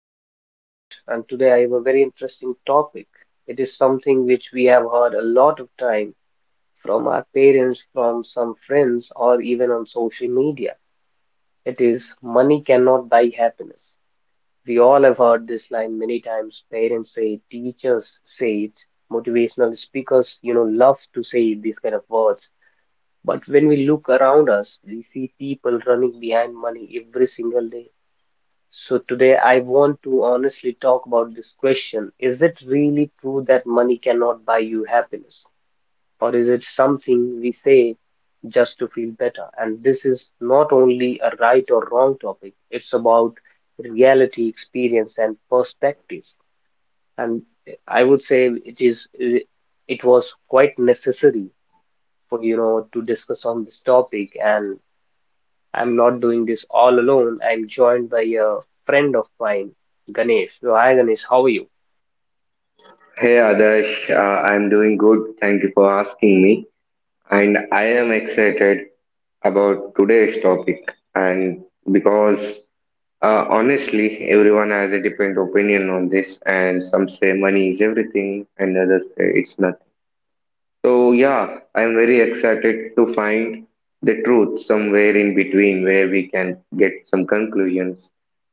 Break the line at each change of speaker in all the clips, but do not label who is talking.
Host Adarsh, and today I have a very interesting topic. It is something which we have heard a lot of time from our parents, from some friends, or even on social media. It is money cannot buy happiness. We all have heard this line many times. Parents say it, teachers say it, motivational speakers, love to say these kind of words. But when we look around us, we see people running behind money every single day, so today I want to honestly talk about this question. Is it really true that money cannot buy you happiness? Or is it something we say just to feel better? And this is not only a right or wrong topic, it's about reality, experience, and perspective. And I would say it was quite necessary for to discuss on this topic, and I'm not doing this all alone. I'm joined by a friend of mine, Ganesh. So, hi, Ganesh, how are you?
Hey Adarsh, I'm doing good. Thank you for asking me. And I am excited about today's topic. And because Honestly, everyone has a different opinion on this, and some say money is everything, and others say it's nothing. So, yeah, I'm very excited to find the truth somewhere in between where we can get some conclusions.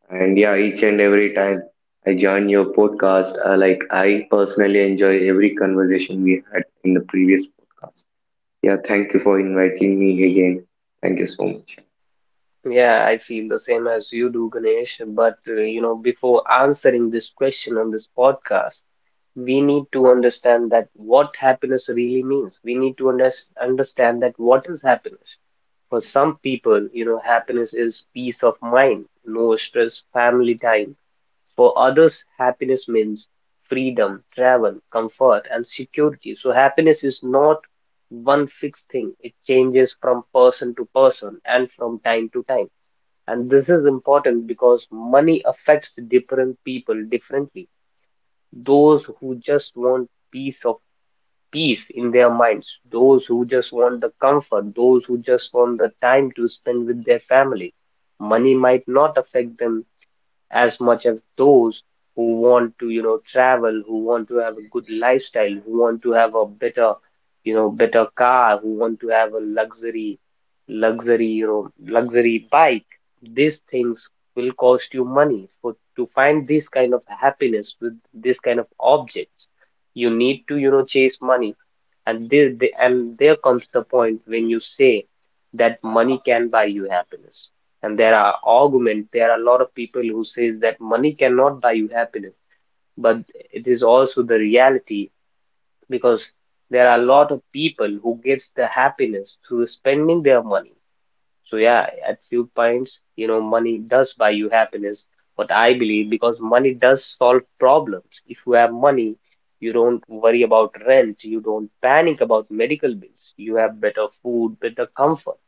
And yeah, each and every time I join your podcast, like I personally enjoy every conversation we had in the previous podcast. Yeah, thank you for inviting me again. Thank you so much.
Yeah, I feel the same as you do, Ganesh. But, before answering this question on this podcast, we need to understand that what happiness really means. We need to understand that what is happiness. For some people, happiness is peace of mind, no stress, family time. For others, happiness means freedom, travel, comfort, and security. So, happiness is not one fixed thing. It changes from person to person and from time to time. And this is important because money affects different people differently. Those who just want peace in their minds, those who just want the comfort, those who just want the time to spend with their family. Money might not affect them as much as those who want to, travel, who want to have a good lifestyle, who want to have a better, better car, who want to have a luxury bike. These things will cost you money. For to find this kind of happiness with this kind of objects, you need to, chase money. And there comes the point when you say that money can buy you happiness, and there are a lot of people who says that money cannot buy you happiness, but it is also the reality, because there are a lot of people who gets the happiness through spending their money. So yeah, at few points, money does buy you happiness, what I believe, because money does solve problems. If you have money, you don't worry about rent, you don't panic about medical bills, you have better food, better comfort,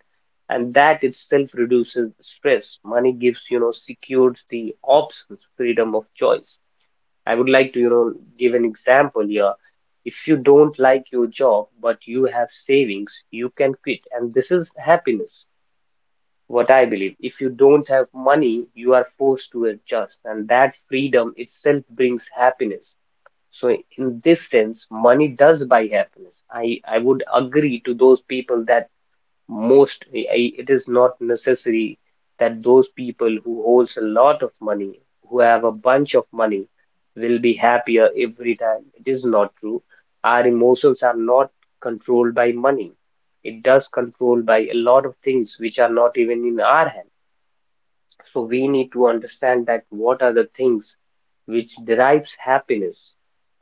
and that itself reduces stress. Money gives, secures the options, freedom of choice. I would like to, give an example here. If you don't like your job, but you have savings, you can quit, and this is happiness what I believe. If you don't have money, you are forced to adjust, and that freedom itself brings happiness. So, in this sense, money does buy happiness. I would agree to those people that it is not necessary that those people who holds a lot of money, who have a bunch of money, will be happier every time. It is not true. Our emotions are not controlled by money. It does control by a lot of things which are not even in our hand. So we need to understand that what are the things which derives happiness,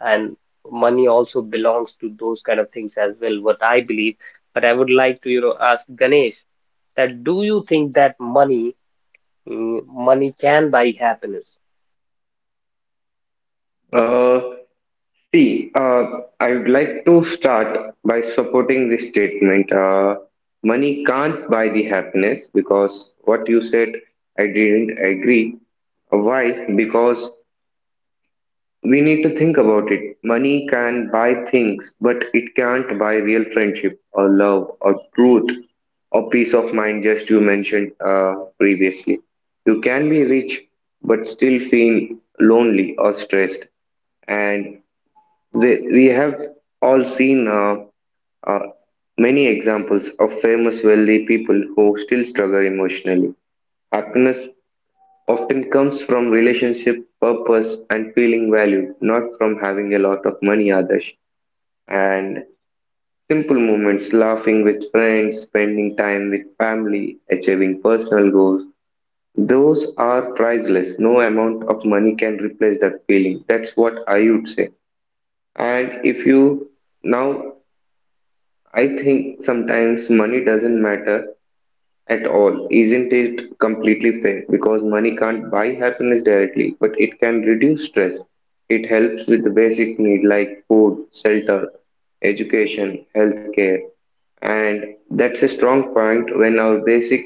and money also belongs to those kind of things as well, what I believe. But I would like to, ask Ganesh that do you think that money can buy happiness?
Uh, See, I would like to start by supporting this statement. Money can't buy the happiness because what you said, I didn't agree. Why? Because we need to think about it. Money can buy things, but it can't buy real friendship or love or truth or peace of mind, just you mentioned previously. You can be rich, but still feel lonely or stressed. And we have all seen uh, many examples of famous, wealthy people who still struggle emotionally. Happiness often comes from relationship, purpose, and feeling valued, not from having a lot of money, others. And simple moments, laughing with friends, spending time with family, achieving personal goals, those are priceless. No amount of money can replace that feeling. That's what I would say. And if you now, I think sometimes money doesn't matter at all. Isn't it completely fair? Because money can't buy happiness directly, but it can reduce stress. It helps with the basic need like food, shelter, education, healthcare. And that's a strong point. When our basic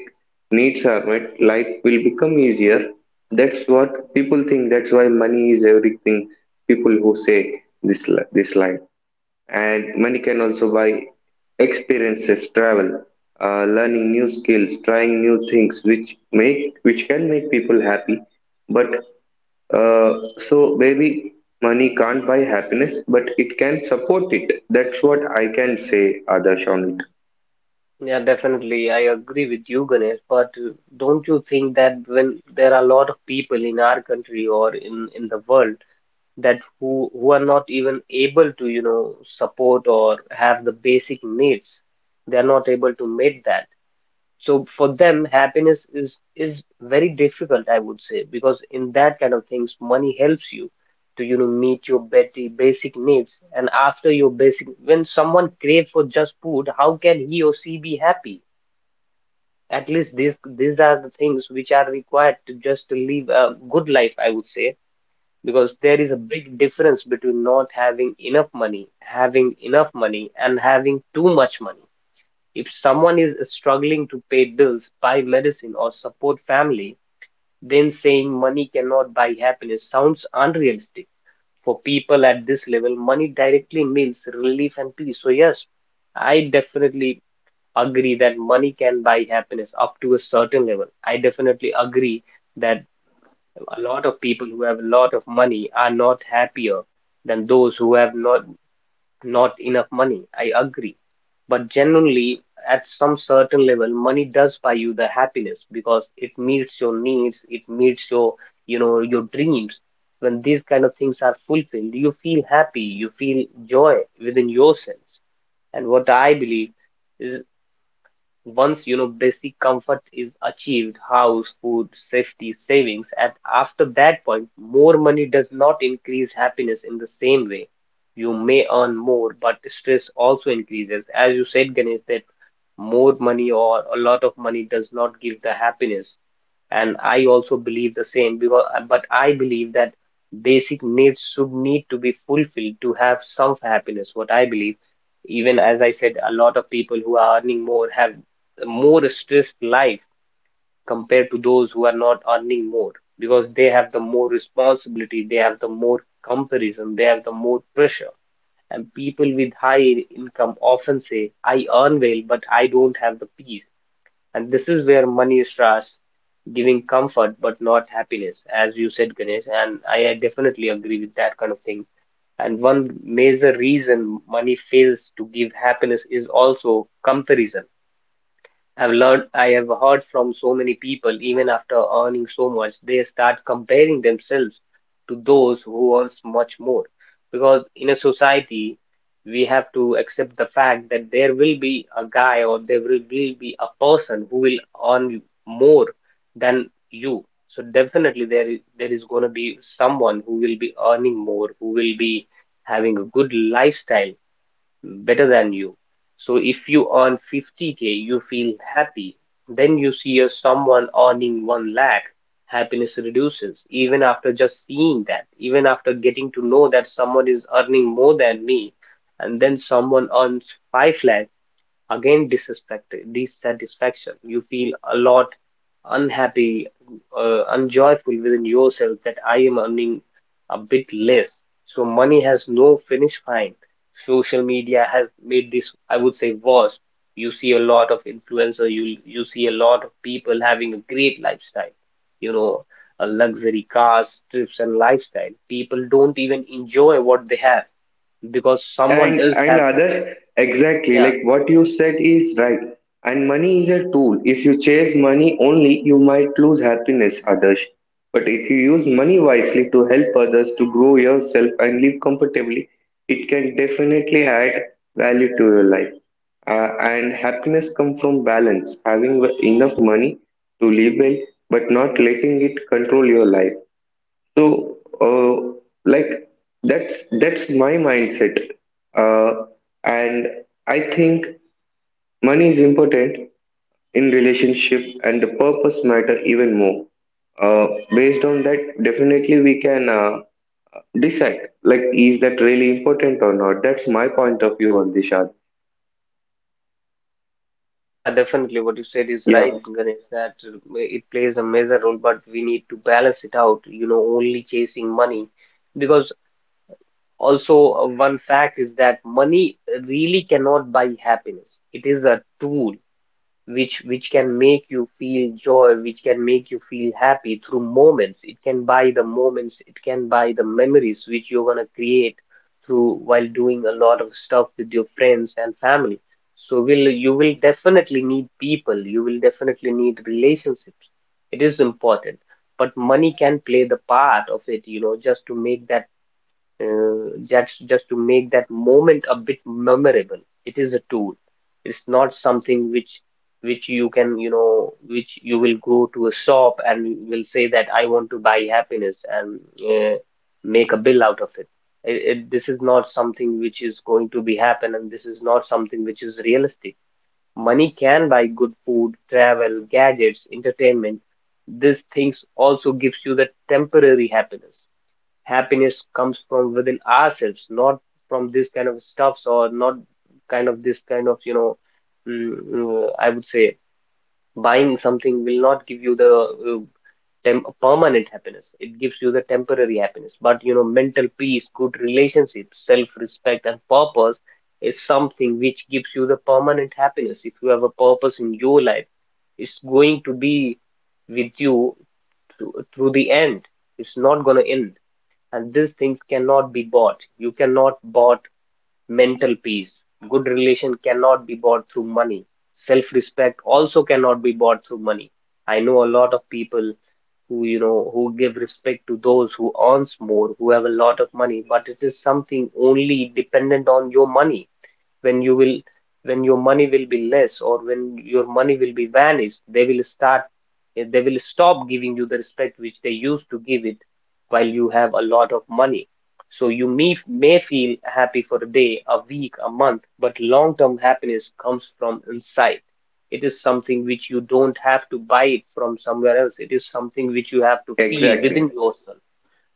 needs are met, life will become easier. That's what people think. That's why money is everything. People who say this line. And money can also buy experiences, travel, learning new skills, trying new things which make which can make people happy. But uh, so maybe money can't buy happiness, but it can support it. That's what I can say, Adarsh, on it.
Yeah, definitely. I agree with you, Ganesh, but don't you think that when there are a lot of people in our country or in the world that who are not even able to, support or have the basic needs, they are not able to meet that. So for them happiness is very difficult, I would say, because in that kind of things money helps you to, meet your basic needs, and after your basic, when someone crave for just food, how can he or she be happy? At least these are the things which are required to just to live a good life, I would say, because there is a big difference between not having enough money, having enough money, and having too much money. If someone is struggling to pay bills, buy medicine, or support family, then saying money cannot buy happiness sounds unrealistic. For people at this level, money directly means relief and peace. So, yes, I definitely agree that money can buy happiness up to a certain level. I definitely agree that a lot of people who have a lot of money are not happier than those who have not enough money. I agree. But genuinely, at some certain level, money does buy you the happiness, because it meets your needs, it meets your, your dreams. When these kind of things are fulfilled, you feel happy, you feel joy within yourself. And what I believe is, once, basic comfort is achieved, house, food, safety, savings, and after that point, more money does not increase happiness in the same way. You may earn more, but stress also increases. As you said, Ganesh, that more money or a lot of money does not give the happiness. And I also believe the same because, but I believe that basic needs should need to be fulfilled to have some happiness, what I believe. Even as I said, a lot of people who are earning more have more stressed life compared to those who are not earning more, because they have the more responsibility, they have the more comparison, they have the more pressure. And people with high income often say, I earn well, but I don't have the peace. And this is where money is giving comfort but not happiness, as you said, Ganesh. And I definitely agree with that kind of thing. And one major reason money fails to give happiness is also comparison. I have heard from so many people, even after earning so much, they start comparing themselves to those who earns much more. Because in a society, we have to accept the fact that there will be a guy, or there will be a person who will earn more than you. So definitely there is going to be someone who will be earning more, who will be having a good lifestyle better than you. So if you earn 50K, you feel happy. Then you see a someone earning 1 lakh, happiness reduces even after just seeing that, even after getting to know that someone is earning more than me. And then someone earns 5 lakh, again, disrespect dissatisfaction, you feel a lot unhappy, unjoyful within yourself, that I am earning a bit less. So money has no finish line. Social media has made this, I would say, worse. You see a lot of influencer, you see a lot of people having a great lifestyle, you know a luxury cars, trips, and lifestyle. People don't even enjoy what they have because someone
and
else
and
have.
others, exactly,
Yeah.
like what you said is right. And money is a tool. If you chase money only, you might lose happiness, others. But if you use money wisely to help others, to grow yourself and live comfortably, it can definitely add value to your life. And happiness comes from balance, having enough money to live well, but not letting it control your life. So, uh, like that's my mindset, uh, and I think money is important in relationship, and the purpose matter even more. Uh, Based on that, definitely we can decide like is that really important or not. That's my point of view on this, Shad.
Yeah, definitely. What you said is
Yeah,
right, Ganesh, that it plays a major role, but we need to balance it out, only chasing money. Because also, one fact is that money really cannot buy happiness. It is a tool, which can make you feel joy, which can make you feel happy through moments. It can buy the moments, it can buy the memories which you're going to create through while doing a lot of stuff with your friends and family. So will you will definitely need people, you will definitely need relationships. It is important, but money can play the part of it, just to make that just to make that moment a bit memorable. It is a tool. It's not something which you can, which you will go to a shop and will say that I want to buy happiness and make a bill out of it. This is not something which is going to be happen, and this is not something which is realistic. Money can buy good food, travel, gadgets, entertainment. These things also gives you the temporary happiness comes from within ourselves, not from this kind of stuffs, or not kind of this kind of, you know, mm, mm, I would say buying something will not give you the tem permanent happiness. It gives you the temporary happiness. But you know, mental peace, good relationships, self-respect, and purpose is something which gives you the permanent happiness. If you have a purpose in your life, it's going to be with you through the end. It's not gonna end, and these things cannot be bought. You cannot bought mental peace. Good relation cannot be bought through money. Self respect also cannot be bought through money. I know a lot of people who, who give respect to those who earns more, who have a lot of money, but it is something only dependent on your money. When you will, when your money will be less, or when your money will be vanished, they will start, they will stop giving you the respect which they used to give it while you have a lot of money. So you may feel happy for a day, a week, a month, but long term happiness comes from inside. It is something which you don't have to buy it from somewhere else. It is something which you have to feel within
exactly,
yourself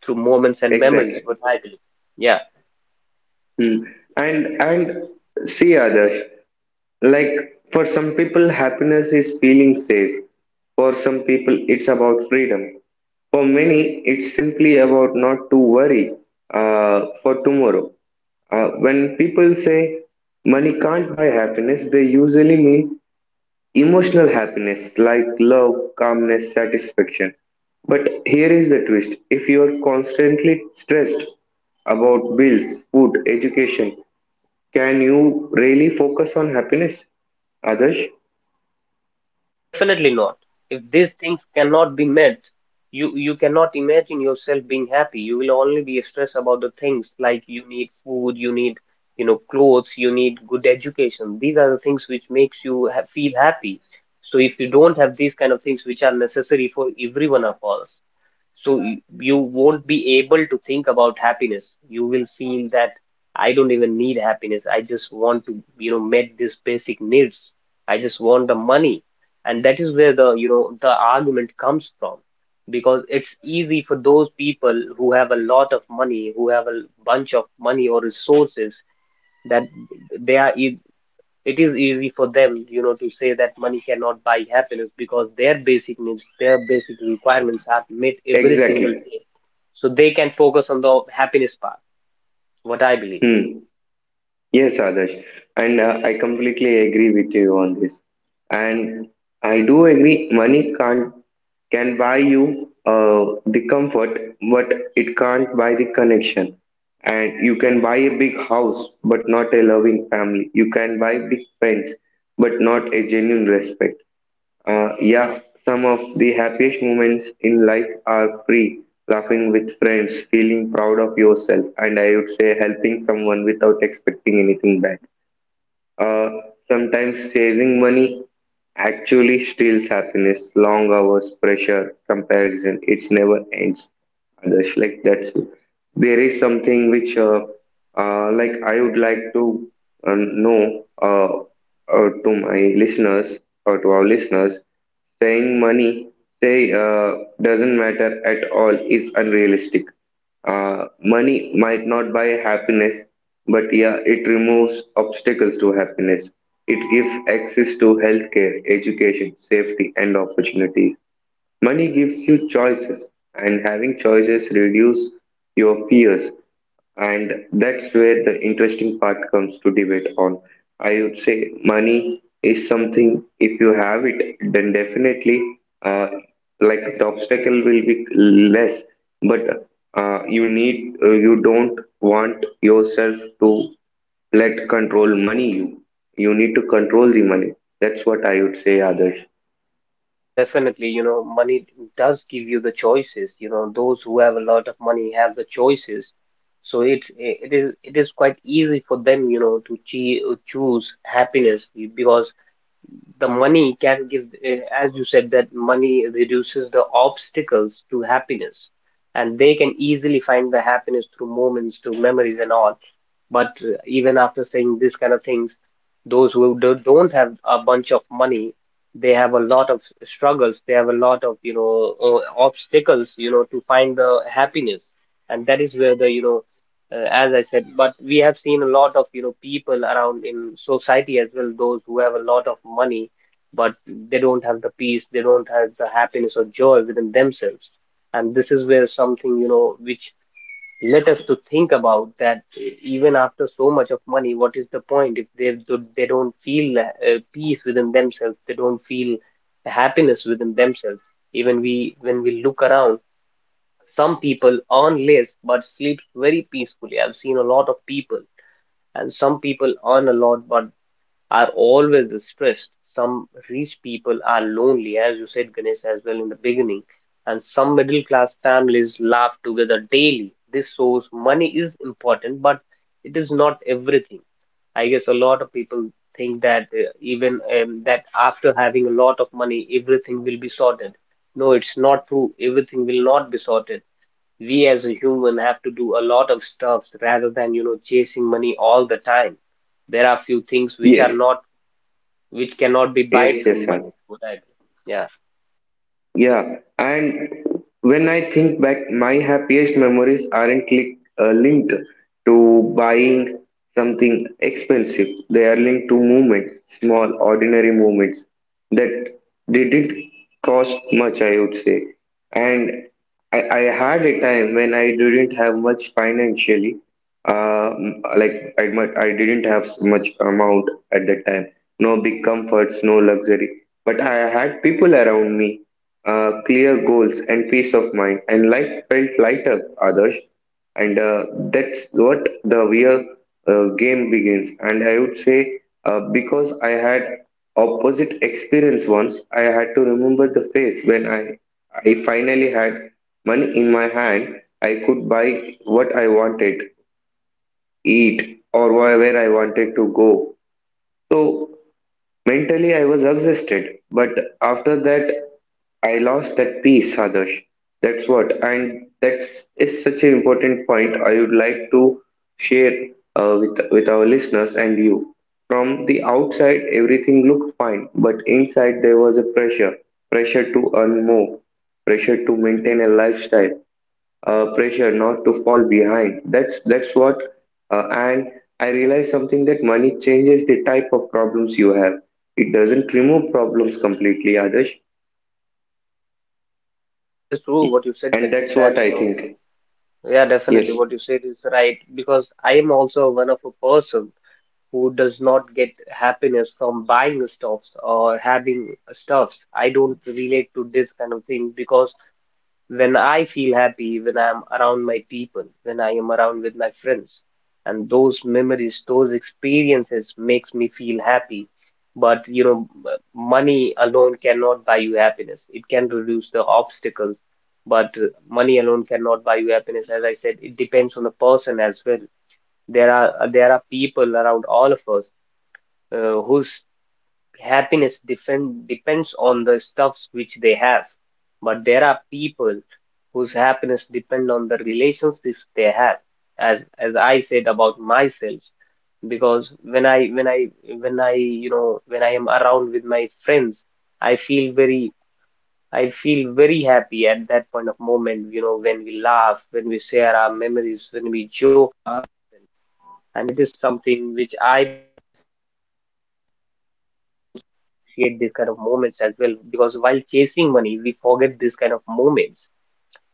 through moments and memories,
exactly.
what I believe. Yeah.
Hmm. And see, others. Like for some people, happiness is feeling safe. For some people, it's about freedom. For many, it's simply about not to worry for tomorrow. When people say money can't buy happiness, they usually mean emotional happiness like love, calmness, satisfaction. But here is the twist: if you are constantly stressed about bills, food, education, can you really focus on happiness? Others?
Definitely not. If these things cannot be met, you cannot imagine yourself being happy. You will only be stressed about the things like you need food, you need, clothes, you need good education. These are the things which makes you ha feel happy. So if you don't have these kind of things which are necessary for every one of us, so you won't be able to think about happiness. You will feel that I don't even need happiness, I just want to, meet these basic needs. I just want the money, and that is where the, the argument comes from, because it's easy for those people who have a lot of money, who have a bunch of money or resources, that they are e, it is easy for them, you know, to say that money cannot buy happiness, because their basic needs, their basic requirements are met every
Exactly.
single day. So they can focus on the happiness part, what I believe.
Hmm. Yes, Adarsh. And I completely agree with you on this. And I do agree money can't can buy you the comfort, but it can't buy the connection. And you can buy a big house, but not a loving family. You can buy big pens, but not a genuine respect. Yeah, some of the happiest moments in life are free, laughing with friends, feeling proud of yourself, and I would say helping someone without expecting anything back. Uh, Sometimes chasing money actually steals happiness. Long hours, pressure, comparison, it never ends. Others, like that. There is something which, like, I would like to know, to my listeners or to our listeners. Saying money say doesn't matter at all is unrealistic. Money might not buy happiness, but yeah, it removes obstacles to happiness. It gives access to healthcare, education, safety, and opportunities. Money gives you choices, and having choices reduce your fears. And that's where the interesting part comes to debate on. I would say money is something, if you have it, then definitely uh, like the obstacle will be less, but you need, you don't want yourself to let control money you. You need to control the money. That's what I would say, Others.
Yeah, definitely, you know, money does give you the choices. You know, those who have a lot of money have the choices. So it is quite easy for them, you know, to choose happiness, because the money can give, as you said, that money reduces the obstacles to happiness, and they can easily find the happiness through moments, through memories, and all. But even after saying this kind of things, those who don't have a bunch of money, they have a lot of struggles. They have a lot of, you know, obstacles, you know, to find the happiness. And that is where the, you know, as I said, but we have seen a lot of, you know, people around in society as well, those who have a lot of money, but they don't have the peace, they don't have the happiness or joy within themselves. And this is where something, you know, which let us to think about that even after so much of money, what is the point if they they don't feel peace within themselves, they don't feel happiness within themselves. Even we when we look around, some people earn less but sleeps very peacefully. I've seen a lot of people, and some people earn a lot but are always stressed. Some rich people are lonely, as you said, Ganesh, as well in the beginning, and some middle class families laugh together daily. This shows money is important, but it is not everything. I guess a lot of people think that even that after having a lot of money, everything will be sorted. No, it's not true. Everything will not be sorted. We as a human have to do a lot of stuff rather than, you know, chasing money all the time. There are few things which are
Yes,
not which cannot be bought through
yes,
money.
Adarsh.
Would I agree? Yeah,
Yeah, and when I think back, my happiest memories aren't li linked to buying something expensive. They are linked to moments, small, ordinary moments that they did cost much, I would say. And I had a time when I didn't have much financially. Like I didn't have much amount at that time. No big comforts, no luxury. But I had people around me, clear goals and peace of mind, and life felt lighter, others. And that's what the real game begins, and I would say because I had opposite experience. Once I had to remember the face when I finally had money in my hand, I could buy what I wanted, eat, or where I wanted to go. So mentally, I was exhausted, but after that, I lost that peace, Adarsh. That's what, and that's is such an important point. I would like to share with with our listeners and you. From the outside, everything looked fine, but inside there was a pressure, pressure to earn more, pressure to maintain a lifestyle, pressure not to fall behind. That's what. And I realized something, that money changes the type of problems you have. It doesn't remove problems completely, Adarsh.
yeah, this is true. What you said,
And
Ganesh,
that's what
that you
I
know,
think.
yeah, definitely,
Yes.
what you said is right, because I am also one of a person who does not get happiness from buying stuffs or having stuffs. I don't relate to this kind of thing, because when I feel happy, when I'm around my people, when I am around with my friends. And those memories, those experiences makes me feel happy. But you know, money alone cannot buy you happiness. It can reduce the obstacles, but money alone cannot buy you happiness. As I said, it depends on the person as well. There are people around all of us, whose depends on the stuffs which they have, but there are people whose happiness depend on the relationships they have. As I said about myself, because when I, you know, when I am around with my friends, i feel very I feel very happy at that point of moment. You know, when we laugh, when we share our memories, when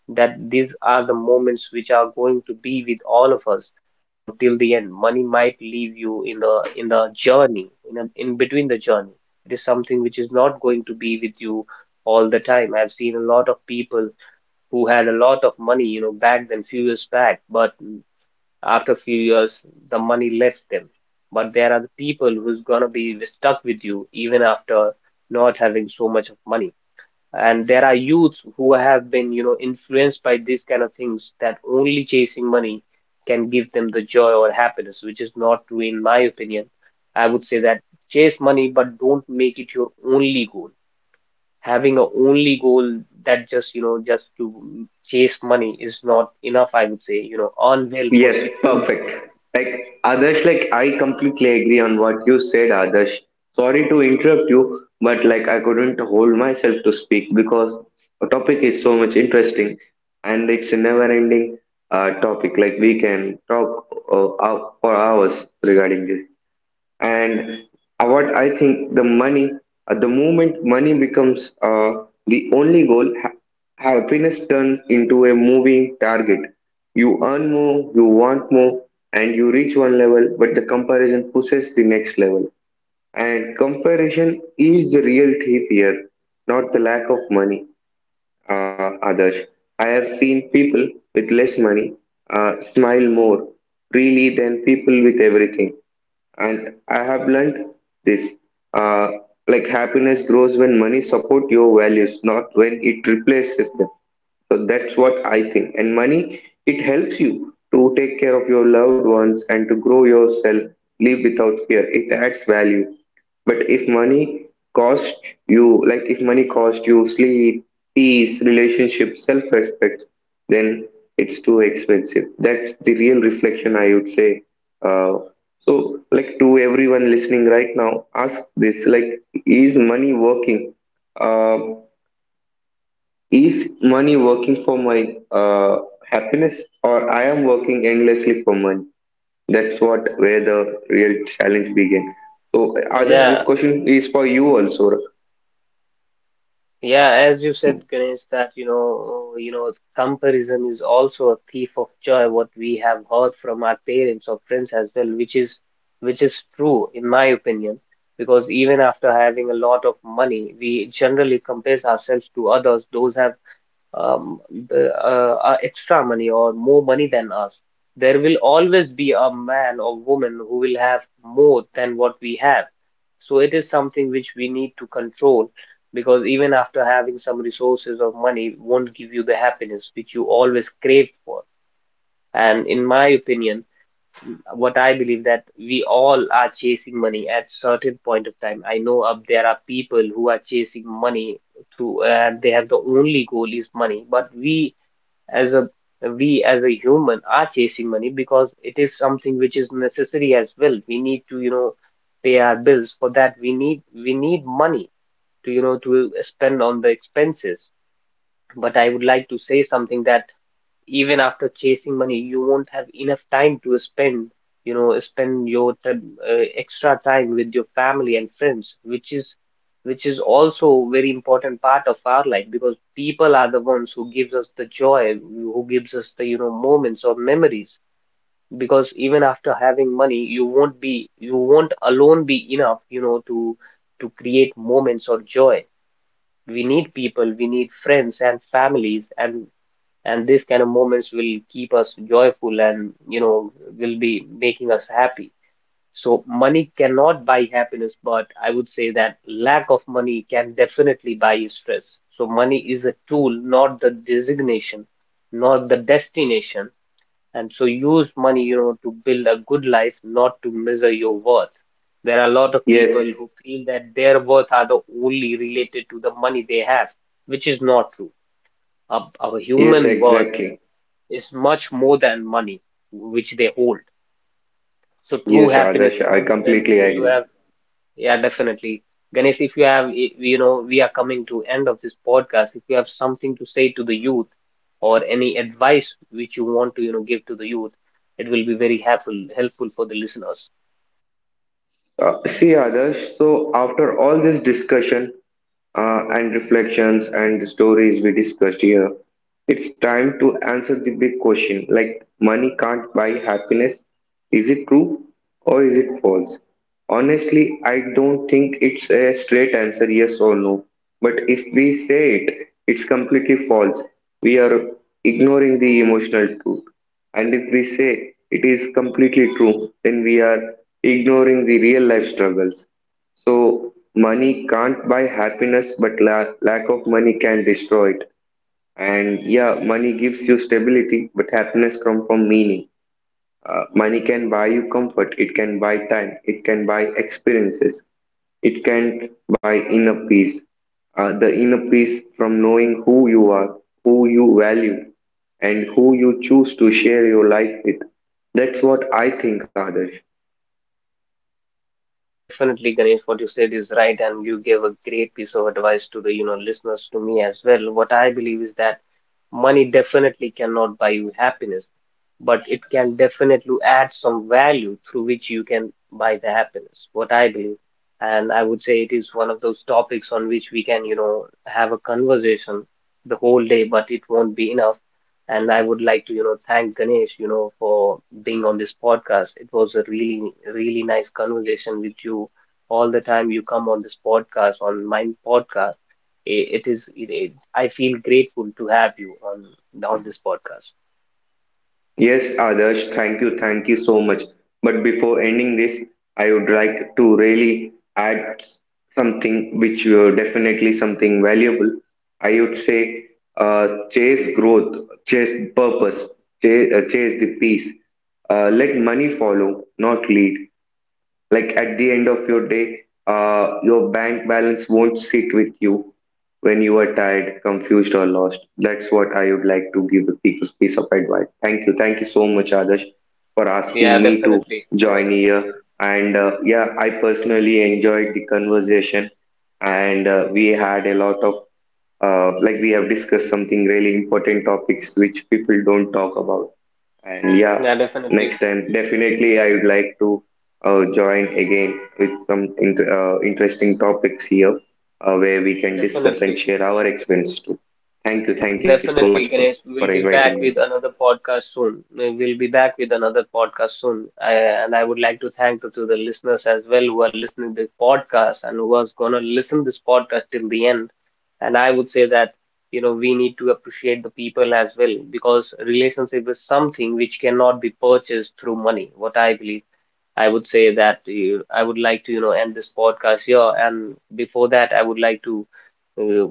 that these are the moments which are going to be with all of us, you know, till the end. Money might leave you in the, journey in between the journey. It is something which is not going to be with you all the time. I've seen a lot of people who had a lot of money, you know, back then few years back, but after a few years the money left them. But there are the people who's going to be stuck with you even after not having so much of money. And there are youths who have been, you know, influenced by these kind of things, that only chasing money can give them the joy or happiness, which is not true in my opinion. I would say that chase money, but don't make it your only goal. Having a only goal that just, you know, just to chase money is not enough. I would say, you know, earn well for
Yes,
secure.
perfect. Like Adarsh, like I completely agree on what you said, Adarsh. Sorry to interrupt you, but like I couldn't hold myself to speak because the topic is so much interesting, and it's a never-ending topic. Like we can talk for hours regarding this. And what I think, the money, at the moment money becomes the only goal, happiness turns into a moving target. You earn more, you want more, and you reach one level, but the comparison pushes the next level. And comparison is the real thief here, not the lack of money, others. I have seen people with less money smile more freely than people with everything. And I have learned this, uh, like happiness grows when money support your values, not when it replaces them. So that's what I think. And money, it helps you to take care of your loved ones and to grow yourself, live without fear. It adds value. But if money costs you, like if money costs you sleep, peace, relationship, self respect, then it's too expensive. That's the real reflection, I would say. Uh, so, like, to everyone listening right now, ask this: like, is money working? Uh, is money working for my happiness, or I am working endlessly for money? That's what where the real challenge begin. So, others, this
Yeah.
question is for you also.
Yeah, as you said, Ganesh, that you know, comparison is also a thief of joy. What we have heard from our parents or friends as well, which is true in my opinion, because even after having a lot of money, we generally compare ourselves to others. Those have um, the, extra money or more money than us. There will always be a man or woman who will have more than what we have. So it is something which we need to control, because even after having some resources of money won't give you the happiness which you always crave for. And in my opinion, what I believe that we all are chasing money at certain point of time. I know, there are people who are chasing money through, and they have the only goal is money, but as a we as a human are chasing money because it is something which is necessary as well. We need to, you know, pay our bills. For that, we need money to, you know, to spend on the expenses. But I would like to say something, that even after chasing money, you won't have enough time to spend, you know, spend your extra time with your family and friends, which is also very important part of our life, because people are the ones who gives us the joy, who gives us the, you know, moments or memories. Because even after having money, you won't alone be enough, you know, to create moments of joy. We need people, we need friends and families, and these kind of moments will keep us joyful, and you know, will be making us happy. So money cannot buy happiness, but I would say that lack of money can definitely buy stress. So money is a tool, not the designation, not the destination. And so use money, you know, to build a good life, not to measure your worth. There are a lot of
Yes,
people who feel that their worth are the only related to the money they have, which is not true. Our a
yes,
human worth
exactly.
is much more than money which they hold. So true
Yes,
happiness
Adarsh, I
comes when
completely
you
agree.
have, yeah, definitely. Ganesh, if you have, you know, we are coming to end of this podcast. If you have something to say to the youth, or any advice which you want to, you know, give to the youth, it will be very helpful for the listeners.
See, Adarsh, so after all this discussion and reflections and the stories we discussed here, it's time to answer the big question like, money can't buy happiness. Is it true or is it false? Honestly, I don't think it's a straight answer yes or no. But if we say it, it's completely false. We are ignoring the emotional truth. And if we say it is completely true, then we are ignoring the real life struggles. So, money can't buy happiness, but lack of money can destroy it. And yeah, money gives you stability, but happiness comes from meaning. Money can buy you comfort, it can buy time, it can buy experiences, it can buy inner peace. The inner peace from knowing who you are, who you value, and who you choose to share your life with. That's what I think, Adarsh.
Mm. Definitely, Ganesh, what you said is right, and you gave a great piece of advice to the, you know, listeners, to me as well. What I believe is that money definitely cannot buy you happiness, but it can definitely add some value through which you can buy the happiness, what I believe. And I would say it is one of those topics on which we can, you know, have a conversation the whole day, but it won't be enough. And I would like to, you know, thank Ganesh, you know, for being on this podcast. It was a really, really nice conversation with you. All the time you come on this podcast, on my podcast I- It is. It, I feel grateful to have you on this podcast.
Yes, Adarsh, thank you so much. But before ending this, I would like to really add something which definitely something valuable. I would say chase growth, chase purpose, chase, chase the peace. Let money follow, not lead. Like at the end of your day, your bank balance won't sit with you when you are tired, confused, or lost. That's what I would like to give the people's piece of advice. Thank you. Thank you so much, Adarsh, for
Yeah,
asking me to
definitely. Yeah,
join here. And yeah, I personally enjoyed the conversation. And we had a lot of, like, we have discussed something really important topics which people don't talk about, and yeah,
yeah,
next
definitely.
time definitely I would like to join again with some interesting topics here, where we can discuss
Definitely.
and share our experience too. Thank you so much
Definitely, Ganesh.
for inviting me.
We'll be back with another podcast soon. And I would like to thank to the listeners as well who are listening to the podcast and who was gonna listen this podcast till the end. And I would say that, you know, we need to appreciate the people as well, because relationship is something which cannot be purchased through money, what I believe. I would say that I would like to, you know, end this podcast here. And before that, I would like to, uh,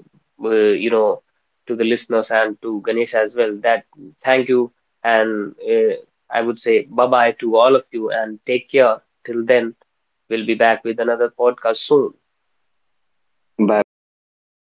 uh, you know, to the listeners and to Ganesh as well, that thank you. And I would say bye bye to all of you and take care. Till then, we'll be back with another podcast soon.
Bye bye, Adarsh.